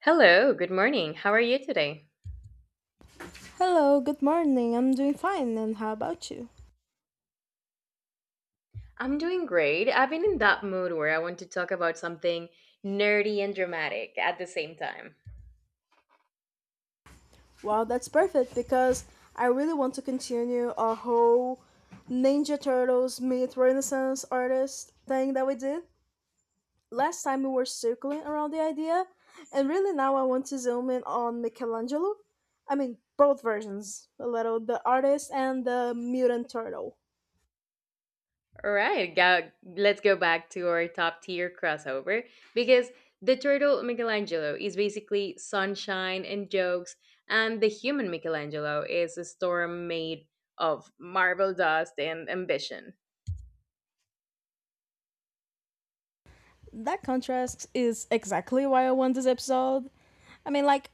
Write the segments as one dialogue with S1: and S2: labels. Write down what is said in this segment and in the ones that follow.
S1: Hello, good morning. How are you today?
S2: Hello, good morning. I'm doing fine, and how about you?
S1: I'm doing great. I've been in that mood where I want to talk about something nerdy and dramatic at the same time.
S2: Wow, that's perfect because I really want to continue our whole Ninja Turtles meet Renaissance artist thing that we did. Last time we were circling around the idea, and really now I want to zoom in on Michelangelo. I mean, both versions a little the artist and the mutant turtle.
S1: All right, go, let's go back to our top tier crossover because the turtle Michelangelo is basically sunshine and jokes, and the human Michelangelo is a storm made of marble dust and ambition.
S2: That contrast is exactly why I want this episode. I mean, like,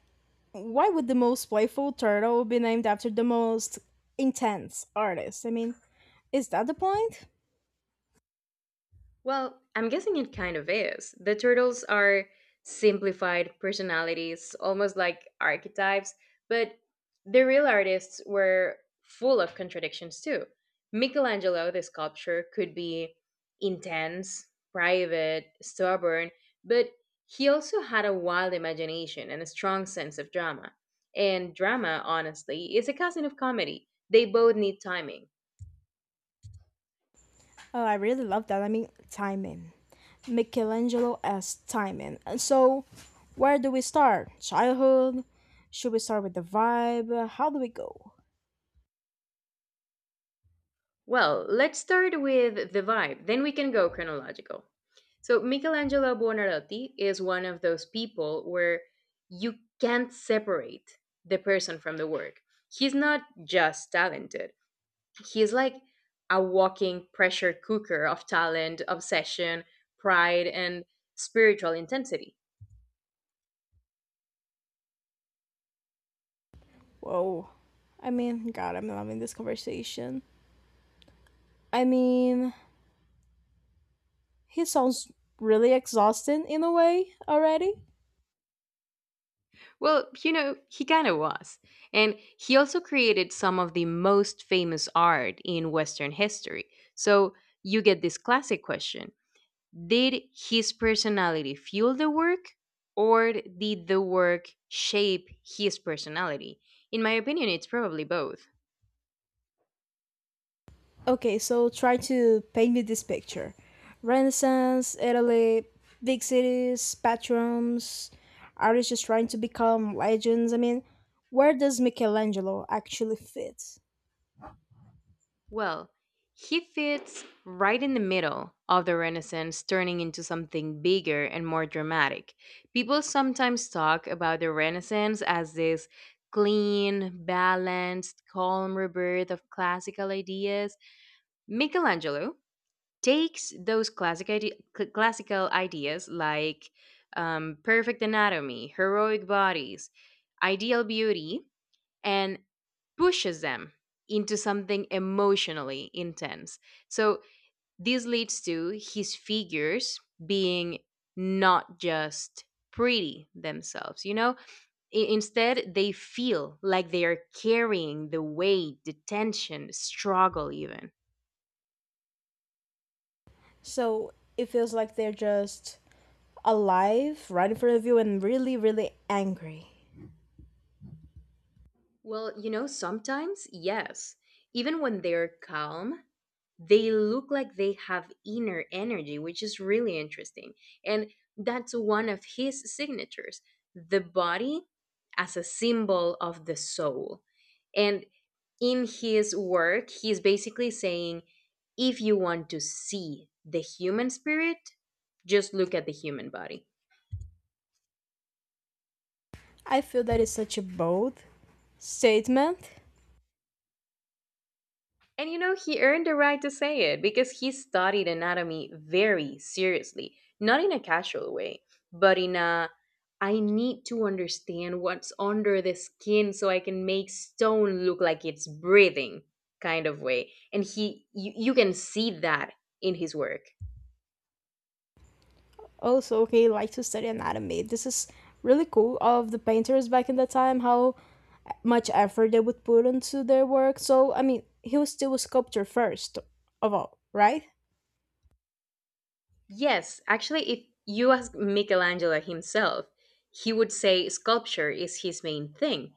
S2: why would the most playful turtle be named after the most intense artist? I mean, is that the point?
S1: Well, I'm guessing it kind of is. The turtles are simplified personalities, almost like archetypes, but the real artists were full of contradictions too. Michelangelo, the sculptor, could be intense, private, stubborn, but he also had a wild imagination and a strong sense of drama. And drama, honestly, is a cousin of comedy. They both need timing.
S2: Oh, I really love that. I mean, timing. Michelangelo as timing. And so, where do we start? Childhood? Should we start with the vibe? How do we go?
S1: Well, let's start with the vibe, then we can go chronological. So, Michelangelo Buonarroti is one of those people where you can't separate the person from the work. He's not just talented, he's like a walking pressure cooker of talent, obsession, pride, and spiritual intensity.
S2: Whoa. I mean, God, I'm loving this conversation. I mean, he sounds really exhausted in a way already.
S1: Well, you know, he kind of was. And he also created some of the most famous art in Western history. So you get this classic question: did his personality fuel the work, or did the work shape his personality? In my opinion, it's probably both.
S2: Okay, so try to paint me this picture, Renaissance, Italy, big cities, patrons, artists just trying to become legends. I mean, where does Michelangelo actually fit?
S1: Well, he fits right in the middle of the Renaissance, turning into something bigger and more dramatic. People sometimes talk about the Renaissance as this clean, balanced, calm rebirth of classical ideas. Michelangelo takes those classical ideas, like perfect anatomy, heroic bodies, ideal beauty, and pushes them into something emotionally intense. So this leads to his figures being not just pretty themselves. Instead, they feel like they are carrying the weight, the tension, struggle, even.
S2: So it feels like they're just alive right in front of you and really, really angry.
S1: Well, you know, sometimes, yes. Even when they're calm, they look like they have inner energy, which is really interesting. And that's one of his signatures: the body as a symbol of the soul. And in his work, he's basically saying if you want to see the human spirit, just look at the human body.
S2: I feel that is such a bold statement.
S1: And you know, he earned the right to say it because he studied anatomy very seriously, not in a casual way, but in a "I need to understand what's under the skin so I can make stone look like it's breathing" kind of way. And you can see that in his work.
S2: Also, okay, like to study anatomy, this is really cool of the painters back in the time, how much effort they would put into their work. So I mean, he was still a sculptor first of all, right?
S1: Yes, actually, if you ask Michelangelo himself, he would say sculpture is his main thing.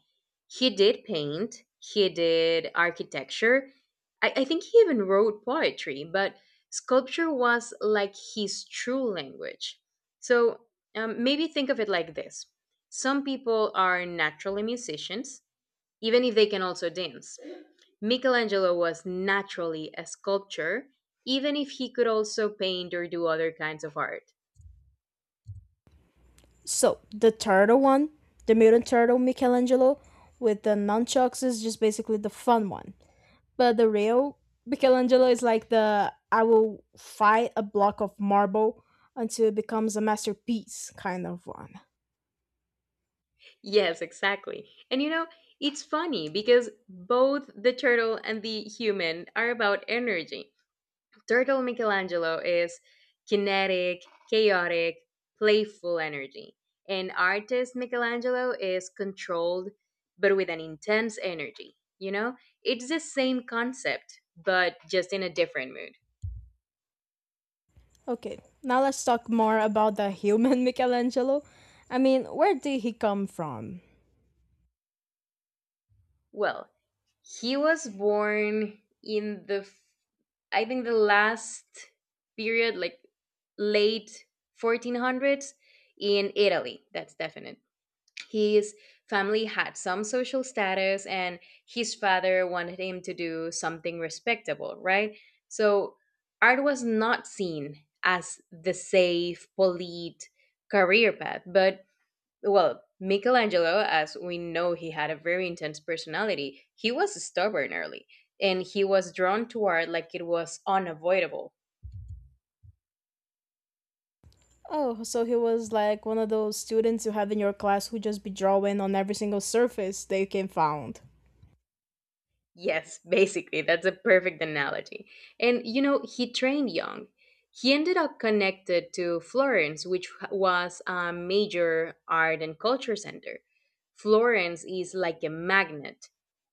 S1: He did paint, he did architecture. I think he even wrote poetry, but sculpture was like his true language. So maybe think of it like this: some people are naturally musicians, even if they can also dance. Michelangelo was naturally a sculptor, even if he could also paint or do other kinds of art.
S2: So the turtle one, the mutant turtle Michelangelo with the nunchucks, is just basically the fun one. But the real Michelangelo is like the I will fight a block of marble until it becomes a masterpiece kind of one.
S1: Yes, exactly. And you know, it's funny because both the turtle and the human are about energy. Turtle Michelangelo is kinetic, chaotic, playful energy. And artist Michelangelo is controlled, but with an intense energy. You know, it's the same concept, but just in a different mood.
S2: Okay, now let's talk more about the human Michelangelo. I mean, where did he come from?
S1: Well, he was born in I think, the last period, like late 1400s in Italy. That's definite. His family had some social status, and his father wanted him to do something respectable, right? So, art was not seen as the safe, polite career path, but well, Michelangelo, as we know, he had a very intense personality. He was stubborn early and he was drawn to art like it was unavoidable.
S2: Oh, so he was like one of those students you have in your class who just be drawing on every single surface they can found.
S1: Yes, basically, that's a perfect analogy. And you know, he trained young. He ended up connected to Florence, which was a major art and culture center. Florence is like a magnet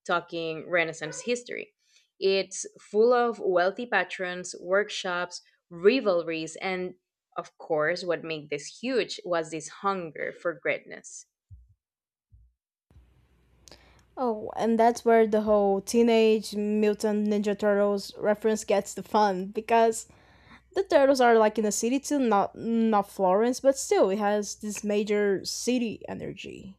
S1: talking Renaissance history. It's full of wealthy patrons, workshops, rivalries, and of course, what made this huge was this hunger for greatness.
S2: Oh, and that's where the whole Teenage Mutant Ninja Turtles reference gets the fun because the turtles are like in a city too, not Florence, but still it has this major city energy.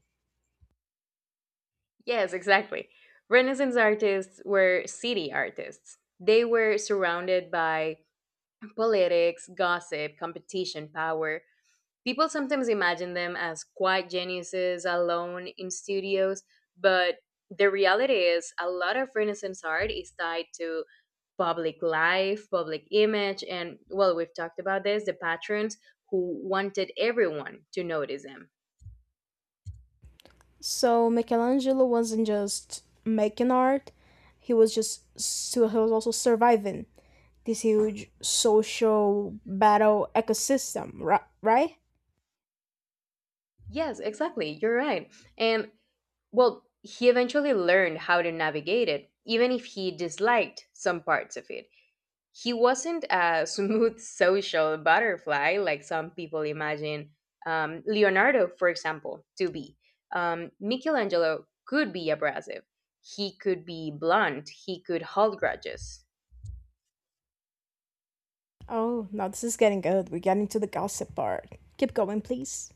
S1: Yes, exactly. Renaissance artists were city artists. They were surrounded by politics, gossip, competition, power. People sometimes imagine them as quiet geniuses alone in studios, but the reality is a lot of Renaissance art is tied to public life, public image, and well, we've talked about this: the patrons who wanted everyone to notice them.
S2: So Michelangelo wasn't just making art; he was just so he was also surviving this huge social battle ecosystem, right?
S1: Yes, exactly. You're right. And well, he eventually learned how to navigate it, even if he disliked some parts of it. He wasn't a smooth social butterfly like some people imagine Leonardo, for example, to be. Michelangelo could be abrasive. He could be blunt. He could hold grudges.
S2: Oh, now this is getting good. We're getting to the gossip part. Keep going, please.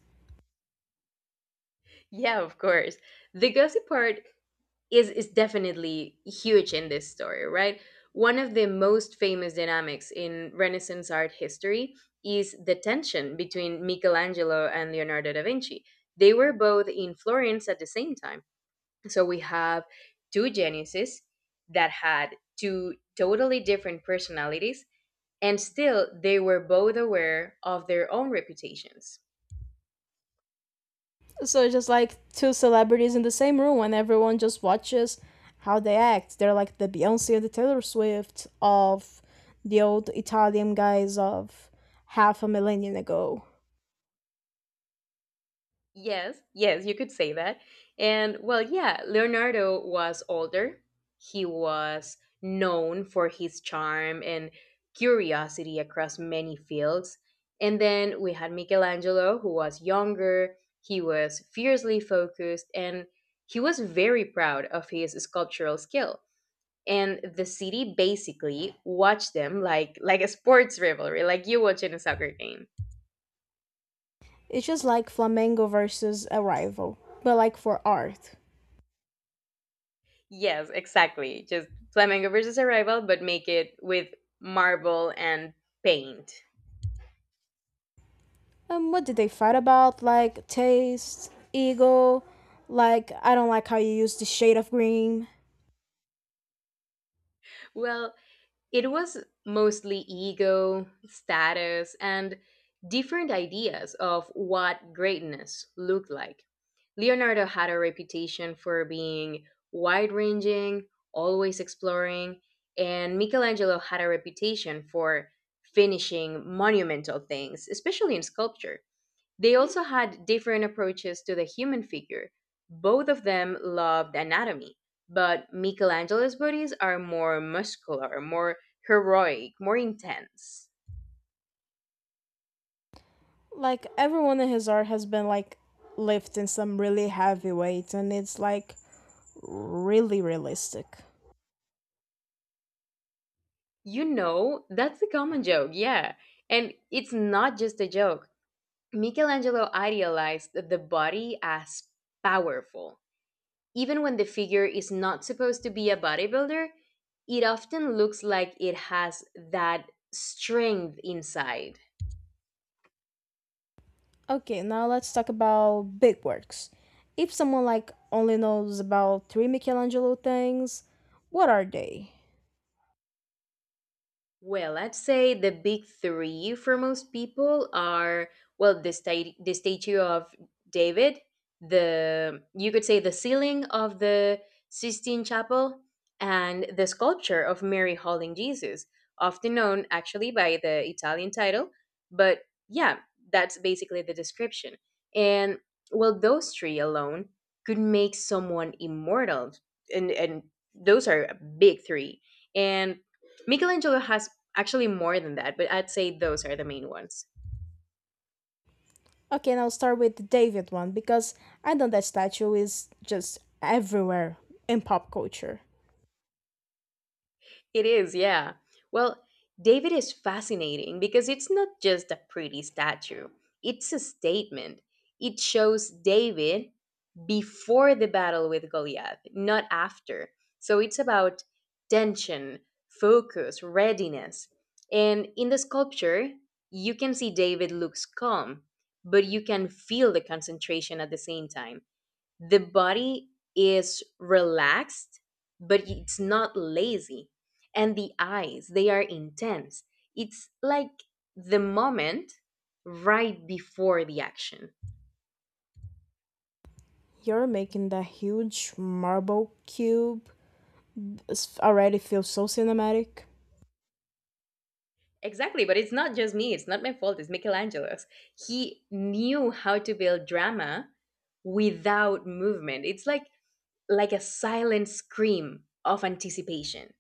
S1: Yeah, of course. The gossip part is definitely huge in this story, right? One of the most famous dynamics in Renaissance art history is the tension between Michelangelo and Leonardo da Vinci. They were both in Florence at the same time. So we have two geniuses that had two totally different personalities, and still they were both aware of their own reputations.
S2: So it's just like two celebrities in the same room, and everyone just watches how they act. They're like the Beyonce and the Taylor Swift of the old Italian guys of half a millennium ago.
S1: Yes, yes, you could say that. And well, yeah, Leonardo was older. He was known for his charm and curiosity across many fields. And then we had Michelangelo, who was younger. He was fiercely focused and he was very proud of his sculptural skill. And the city basically watched them like a sports rivalry, like you watching a soccer game.
S2: It's just like Flamengo versus a rival, but like for art.
S1: Yes, exactly. Just Flamingo versus Arrival, but make it with marble and paint.
S2: What did they fight about? Like taste, ego, like I don't like how you use the shade of green.
S1: Well, it was mostly ego, status, and different ideas of what greatness looked like. Leonardo had a reputation for being wide ranging, always exploring, and Michelangelo had a reputation for finishing monumental things, especially in sculpture. They also had different approaches to the human figure. Both of them loved anatomy, but Michelangelo's bodies are more muscular, more heroic, more intense.
S2: Like everyone in his art has been like lifting some really heavy weights, and it's like really realistic.
S1: You know, that's the common joke, yeah. And it's not just a joke. Michelangelo idealized the body as powerful. Even when the figure is not supposed to be a bodybuilder, it often looks like it has that strength inside.
S2: Okay, now let's talk about big works. If someone like only knows about three Michelangelo things, what are they?
S1: Well, I'd say the big three for most people are, well, the statue of David, the, you could say, the ceiling of the Sistine Chapel, and the sculpture of Mary holding Jesus, often known actually by the Italian title. But yeah, that's basically the description. And well, those three alone could make someone immortal, and those are big three. And Michelangelo has, actually, more than that, but I'd say those are the main ones.
S2: Okay, and I'll start with the David one because I know that statue is just everywhere in pop culture.
S1: It is, yeah. Well, David is fascinating because it's not just a pretty statue, it's a statement. It shows David before the battle with Goliath, not after. So it's about tension, focus, readiness. And in the sculpture, you can see David looks calm, but you can feel the concentration at the same time. The body is relaxed, but it's not lazy, and the eyes, they are intense. It's like the moment right before the action.
S2: You're making that huge marble cube. This already feels so cinematic.
S1: Exactly, but it's not just me, it's not my fault, it's Michelangelo's. He knew how to build drama without movement. It's like a silent scream of anticipation.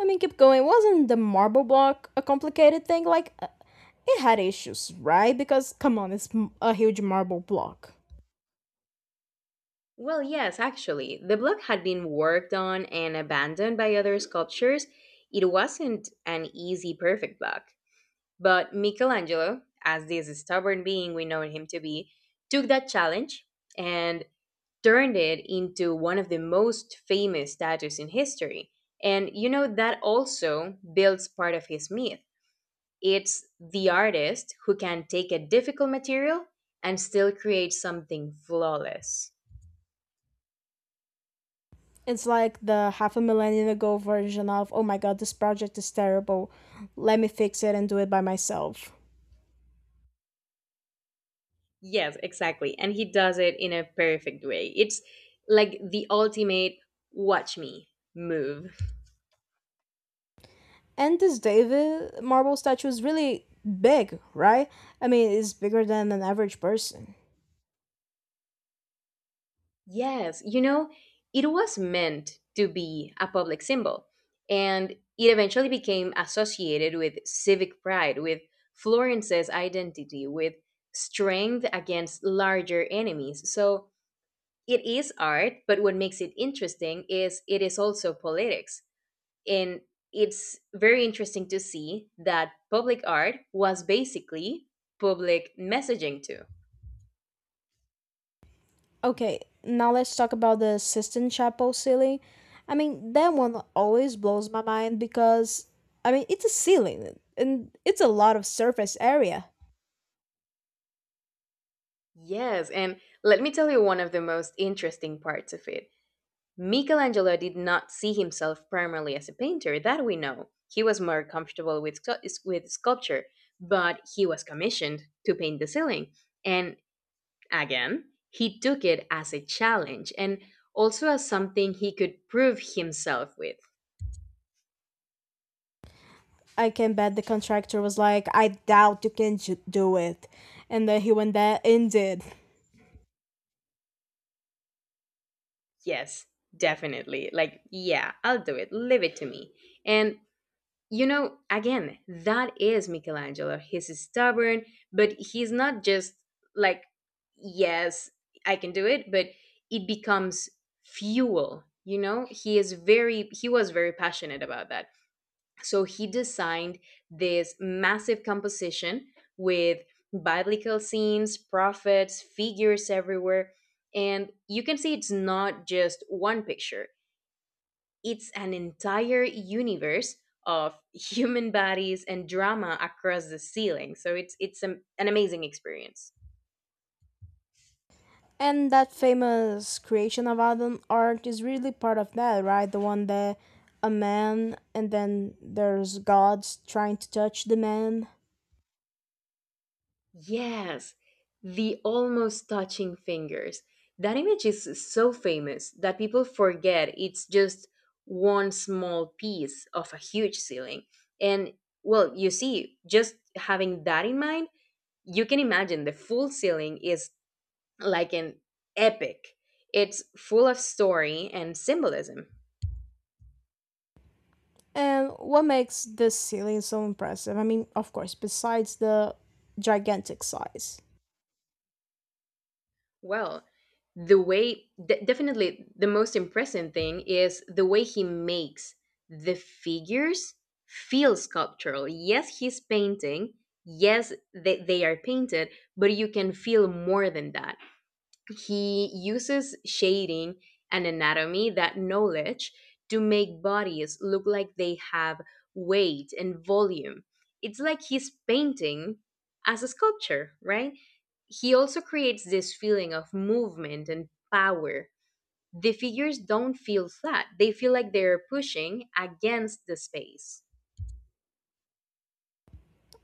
S2: I mean, keep going. Wasn't the marble block a complicated thing? Like, it had issues, right? Because, come on, it's a huge marble block.
S1: Well, yes, actually. The block had been worked on and abandoned by other sculptures. It wasn't an easy, perfect block. But Michelangelo, as this stubborn being we know him to be, took that challenge and turned it into one of the most famous statues in history. And you know, that also builds part of his myth. It's the artist who can take a difficult material and still create something flawless.
S2: It's like the half a millennium ago version of, oh my god, this project is terrible. Let me fix it and do it by myself.
S1: Yes, exactly. And he does it in a perfect way. It's like the ultimate "watch me" move.
S2: And this David marble statue is really big, right? I mean, it's bigger than an average person.
S1: Yes, you know, it was meant to be a public symbol. And it eventually became associated with civic pride, with Florence's identity, with strength against larger enemies. So it is art, but what makes it interesting is it is also politics, and it's very interesting to see that public art was basically public messaging too.
S2: Okay, now let's talk about the Sistine Chapel ceiling. I mean, that one always blows my mind because, I mean, it's a ceiling and it's a lot of surface area.
S1: Yes, and let me tell you one of the most interesting parts of it. Michelangelo did not see himself primarily as a painter, that we know. He was more comfortable with, with sculpture, but he was commissioned to paint the ceiling. And again, he took it as a challenge and also as something he could prove himself with.
S2: I can bet the contractor was like, I doubt you can do it. And then he went there and did.
S1: Yes, definitely. Like, yeah, I'll do it. Leave it to me. And, you know, again, that is Michelangelo. He's stubborn, but he's not just like, yes, I can do it, but it becomes fuel. You know, he was very passionate about that. So he designed this massive composition with biblical scenes, prophets, figures everywhere. And you can see it's not just one picture, it's an entire universe of human bodies and drama across the ceiling. So it's an amazing experience.
S2: And that famous creation of Adam art is really part of that, right? The one that a man and then there's gods trying to touch the man.
S1: Yes, the almost touching fingers. That image is so famous that people forget it's just one small piece of a huge ceiling. And well, you see, just having that in mind, you can imagine the full ceiling is like an epic. It's full of story and symbolism.
S2: And what makes this ceiling so impressive? I mean, of course, besides the gigantic size.
S1: Well, the way definitely the most impressive thing is the way he makes the figures feel sculptural. Yes, he's painting. Yes, they are painted, but you can feel more than that he uses shading and anatomy, that knowledge, to make bodies look like they have weight and volume. It's like he's painting as a sculpture, right? He also creates this feeling of movement and power. The figures don't feel flat, they feel like they're pushing against the space.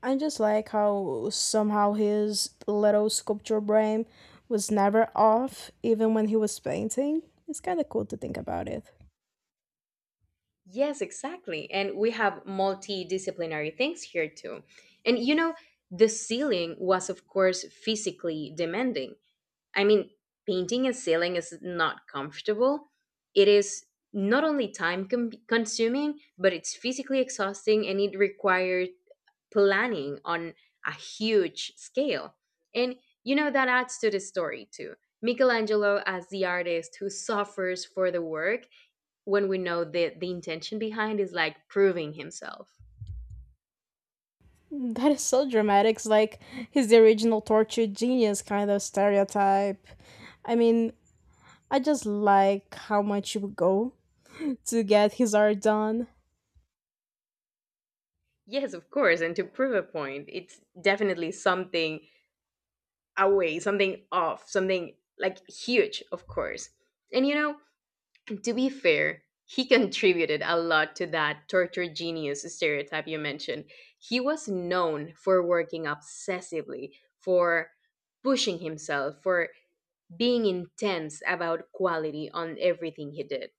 S2: I just like how somehow his little sculpture brain was never off, even when he was painting. It's kind of cool to think about it.
S1: Yes, exactly. And we have multidisciplinary things here too. And you know, the ceiling was, of course, physically demanding. I mean, painting a ceiling is not comfortable. It is not only time consuming, but it's physically exhausting and it requires planning on a huge scale. And you know, that adds to the story too. Michelangelo, as the artist who suffers for the work, when we know that the intention behind is like proving himself.
S2: That is so dramatic. It's like he's the original tortured genius kind of stereotype. I mean, I just like how much you would go to get his art done.
S1: Yes, of course. And to prove a point, it's definitely something away, something off, something like huge, of course. And you know, to be fair, he contributed a lot to that torture genius stereotype you mentioned. He was known for working obsessively, for pushing himself, for being intense about quality on everything he did.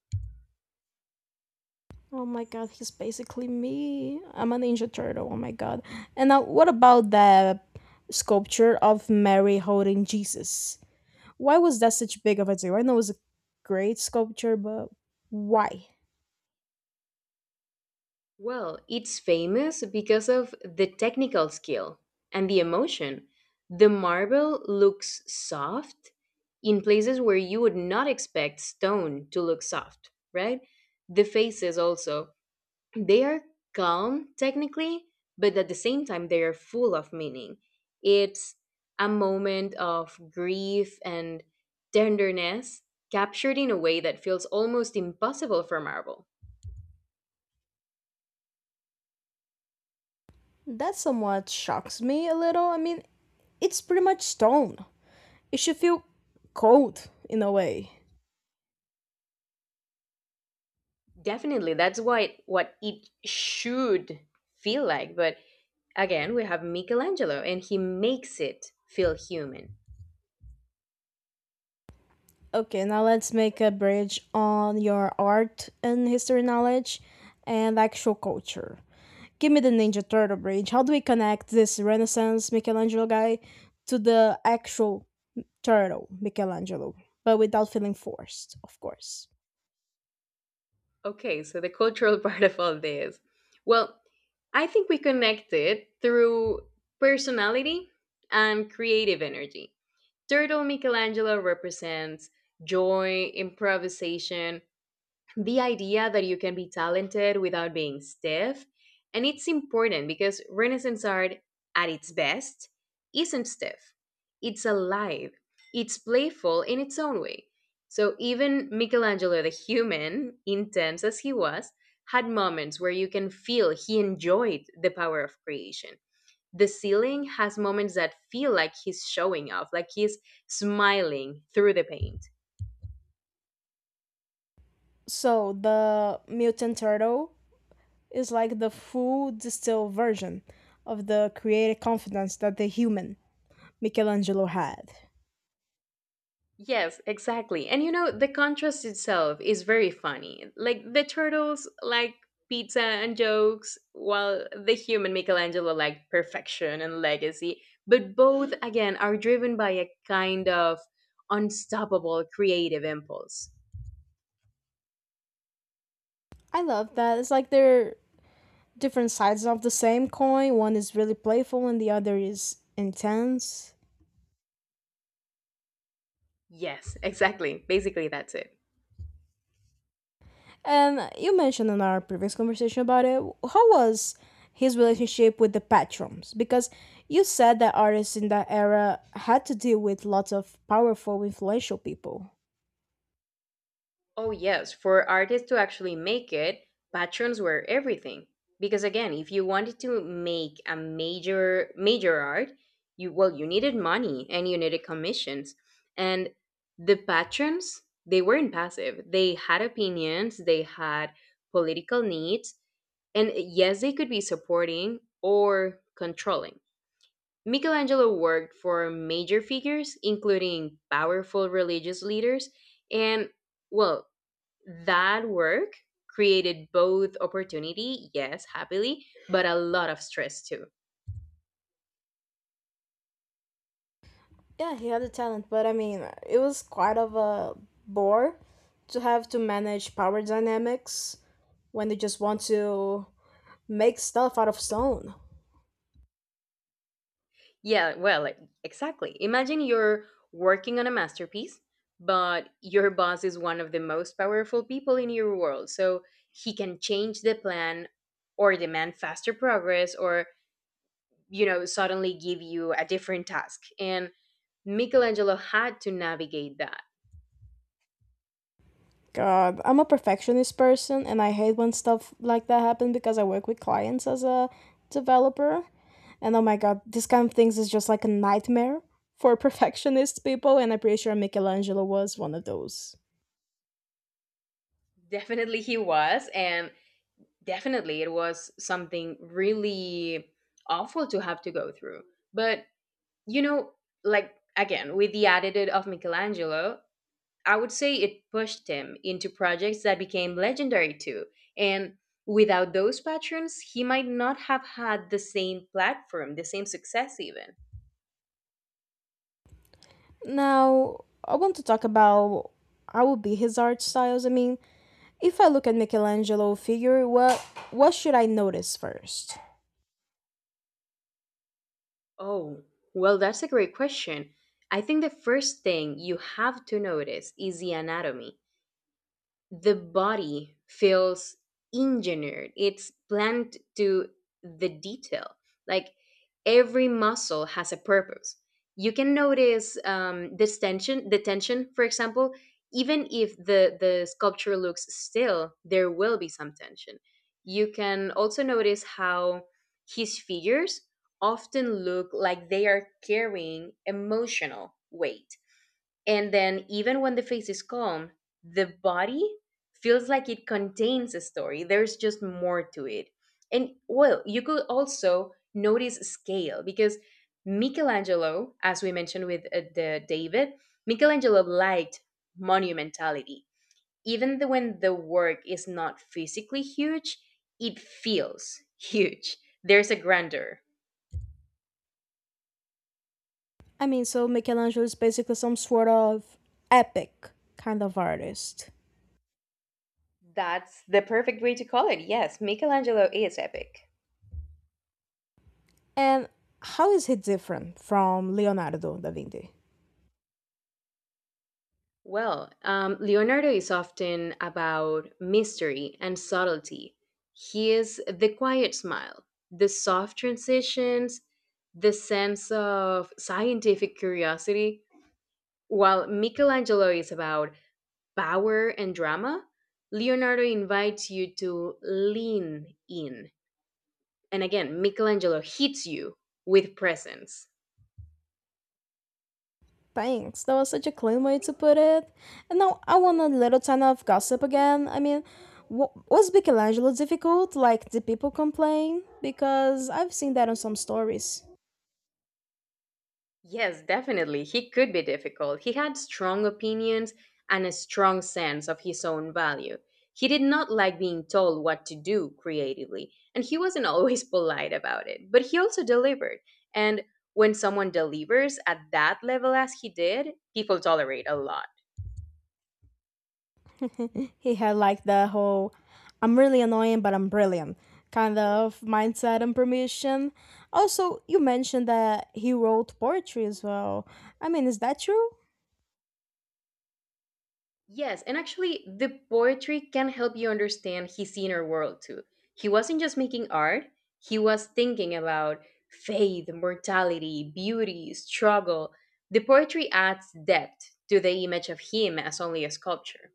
S2: Oh my god, he's basically me. I'm a ninja turtle. Oh my god. And now, what about the sculpture of Mary holding Jesus? Why was that such big of a deal? I know it was a great sculpture, but why?
S1: Well, it's famous because of the technical skill and the emotion. The marble looks soft in places where you would not expect stone to look soft, right? The faces also, they are calm technically, but at the same time, they are full of meaning. It's a moment of grief and tenderness captured in a way that feels almost impossible for marble.
S2: That somewhat shocks me a little. I mean, it's pretty much stone. It should feel cold in a way.
S1: Definitely, that's what it should feel like. But again, we have Michelangelo, and he makes it feel human.
S2: Okay, now let's make a bridge on your art and history knowledge and actual culture. Give me the Ninja Turtle bridge. How do we connect this Renaissance Michelangelo guy to the actual turtle Michelangelo, but without feeling forced, of course?
S1: Okay, so the cultural part of all this. Well, I think we connect it through personality and creative energy. Turtle Michelangelo represents joy, improvisation, the idea that you can be talented without being stiff. And it's important because Renaissance art, at its best, isn't stiff. It's alive, it's playful in its own way. So even Michelangelo, the human, intense as he was, had moments where you can feel he enjoyed the power of creation. The ceiling has moments that feel like he's showing off, like he's smiling through the paint.
S2: So the mutant turtle is like the full distilled version of the creative confidence that the human Michelangelo had.
S1: Yes, exactly. And you know, the contrast itself is very funny. Like the turtles like pizza and jokes, while the human Michelangelo like perfection and legacy. But both, again, are driven by a kind of unstoppable creative impulse.
S2: I love that. It's like they're different sides of the same coin. One is really playful and the other is intense.
S1: Yes, exactly. Basically, that's it.
S2: And you mentioned in our previous conversation about it, how was his relationship with the patrons? Because you said that artists in that era had to deal with lots of powerful, influential people.
S1: Oh, yes, for artists to actually make it, patrons were everything. Because again, if you wanted to make a major major art, you well, you needed money and you needed commissions. And the patrons, they weren't passive. They had opinions, they had political needs, and yes, they could be supporting or controlling. Michelangelo worked for major figures, including powerful religious leaders and well, that work created both opportunity, yes, happily, but a lot of stress too.
S2: Yeah, he had the talent, but I mean, it was quite of a bore to have to manage power dynamics when they just want to make stuff out of stone.
S1: Yeah, well, like, exactly. Imagine you're working on a masterpiece, but your boss is one of the most powerful people in your world. So he can change the plan or demand faster progress or, you know, suddenly give you a different task. And Michelangelo had to navigate that.
S2: God, I'm a perfectionist person and I hate when stuff like that happen because I work with clients as a developer. And oh my God, this kind of things is just like a nightmare for perfectionist people. And I'm pretty sure Michelangelo was one of those.
S1: Definitely he was. And definitely it was something really awful to have to go through, but you know, like, again, with the attitude of Michelangelo, I would say it pushed him into projects that became legendary too. And without those patrons, he might not have had the same platform, the same success even.
S2: Now, I want to talk about how would be his art styles. I mean, if I look at Michelangelo figure, what should I notice first?
S1: Oh, well, that's a great question. I think the first thing you have to notice is the anatomy. The body feels engineered, it's planned to the detail. Like, every muscle has a purpose. You can notice this tension, the tension for example. Even if the sculpture looks still, there will be some tension. You can also notice how his figures often look like they are carrying emotional weight. And then, even when the face is calm, the body feels like it contains a story. There's just more to it. And well, you could also notice scale because Michelangelo, as we mentioned with the David, Michelangelo liked monumentality. Even the, when the work is not physically huge, it feels huge. There's a grandeur.
S2: I mean, so Michelangelo is basically some sort of epic kind of artist.
S1: That's the perfect way to call it. Yes, Michelangelo is epic.
S2: And how is he different from Leonardo da Vinci?
S1: Well, Leonardo is often about mystery and subtlety. He is the quiet smile, the soft transitions, the sense of scientific curiosity. While Michelangelo is about power and drama, Leonardo invites you to lean in. And again, Michelangelo hits you with presence.
S2: Thanks, that was such a clean way to put it. And now I want a little ton of gossip again. I mean, was Michelangelo difficult? Like, did people complain? Because I've seen that on some stories.
S1: Yes, definitely. He could be difficult. He had strong opinions and a strong sense of his own value. He did not like being told what to do creatively, and he wasn't always polite about it, but he also delivered. And when someone delivers at that level as he did, people tolerate a lot.
S2: He had like the whole I'm really annoying, but I'm brilliant kind of mindset and permission. Also, you mentioned that he wrote poetry as well. I mean, is that true?
S1: Yes, and actually, the poetry can help you understand his inner world too. He wasn't just making art, he was thinking about faith, mortality, beauty, struggle. The poetry adds depth to the image of him as only a sculpture.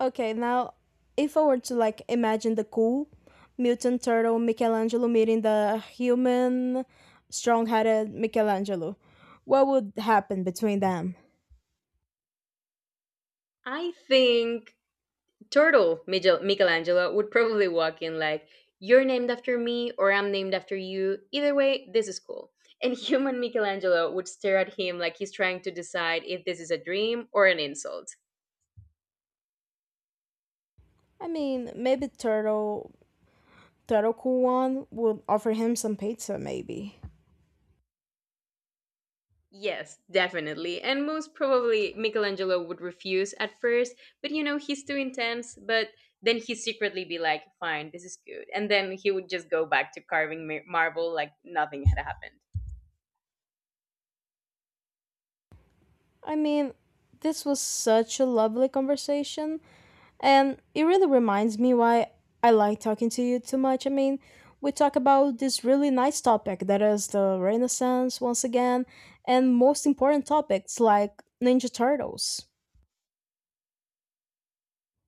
S2: Okay, now if I were to like imagine the cool mutant turtle Michelangelo meeting the human strong-headed Michelangelo, what would happen between them?
S1: I think Turtle Michelangelo would probably walk in like, "You're named after me, or I'm named after you. Either way, this is cool." And human Michelangelo would stare at him like he's trying to decide if this is a dream or an insult.
S2: I mean, maybe turtle cool one would offer him some pizza maybe.
S1: Yes, definitely. And most probably Michelangelo would refuse at first, but you know, he's too intense, but then he secretly be like, "Fine, this is good." And then he would just go back to carving marble like nothing had happened.
S2: I mean, this was such a lovely conversation. And it really reminds me why I like talking to you too much. I mean, we talk about this really nice topic that is the Renaissance once again, and most important topics like Ninja Turtles.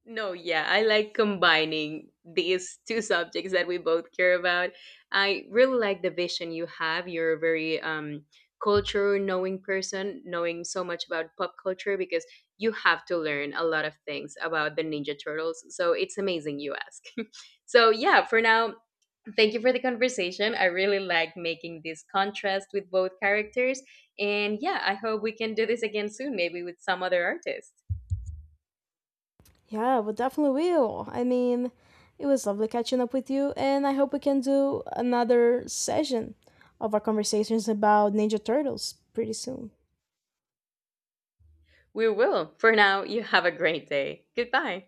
S1: No, yeah, I like combining these two subjects that we both care about. I really like the vision you have. You're a very culture knowing person, knowing so much about pop culture because you have to learn a lot of things about the Ninja Turtles. So it's amazing you ask. So, yeah, for now, thank you for the conversation. I really like making this contrast with both characters. And yeah, I hope we can do this again soon, maybe with some other artist.
S2: Yeah, we definitely will. I mean, it was lovely catching up with you, and I hope we can do another session of our conversations about Ninja Turtles pretty soon.
S1: We will. For now, you have a great day. Goodbye.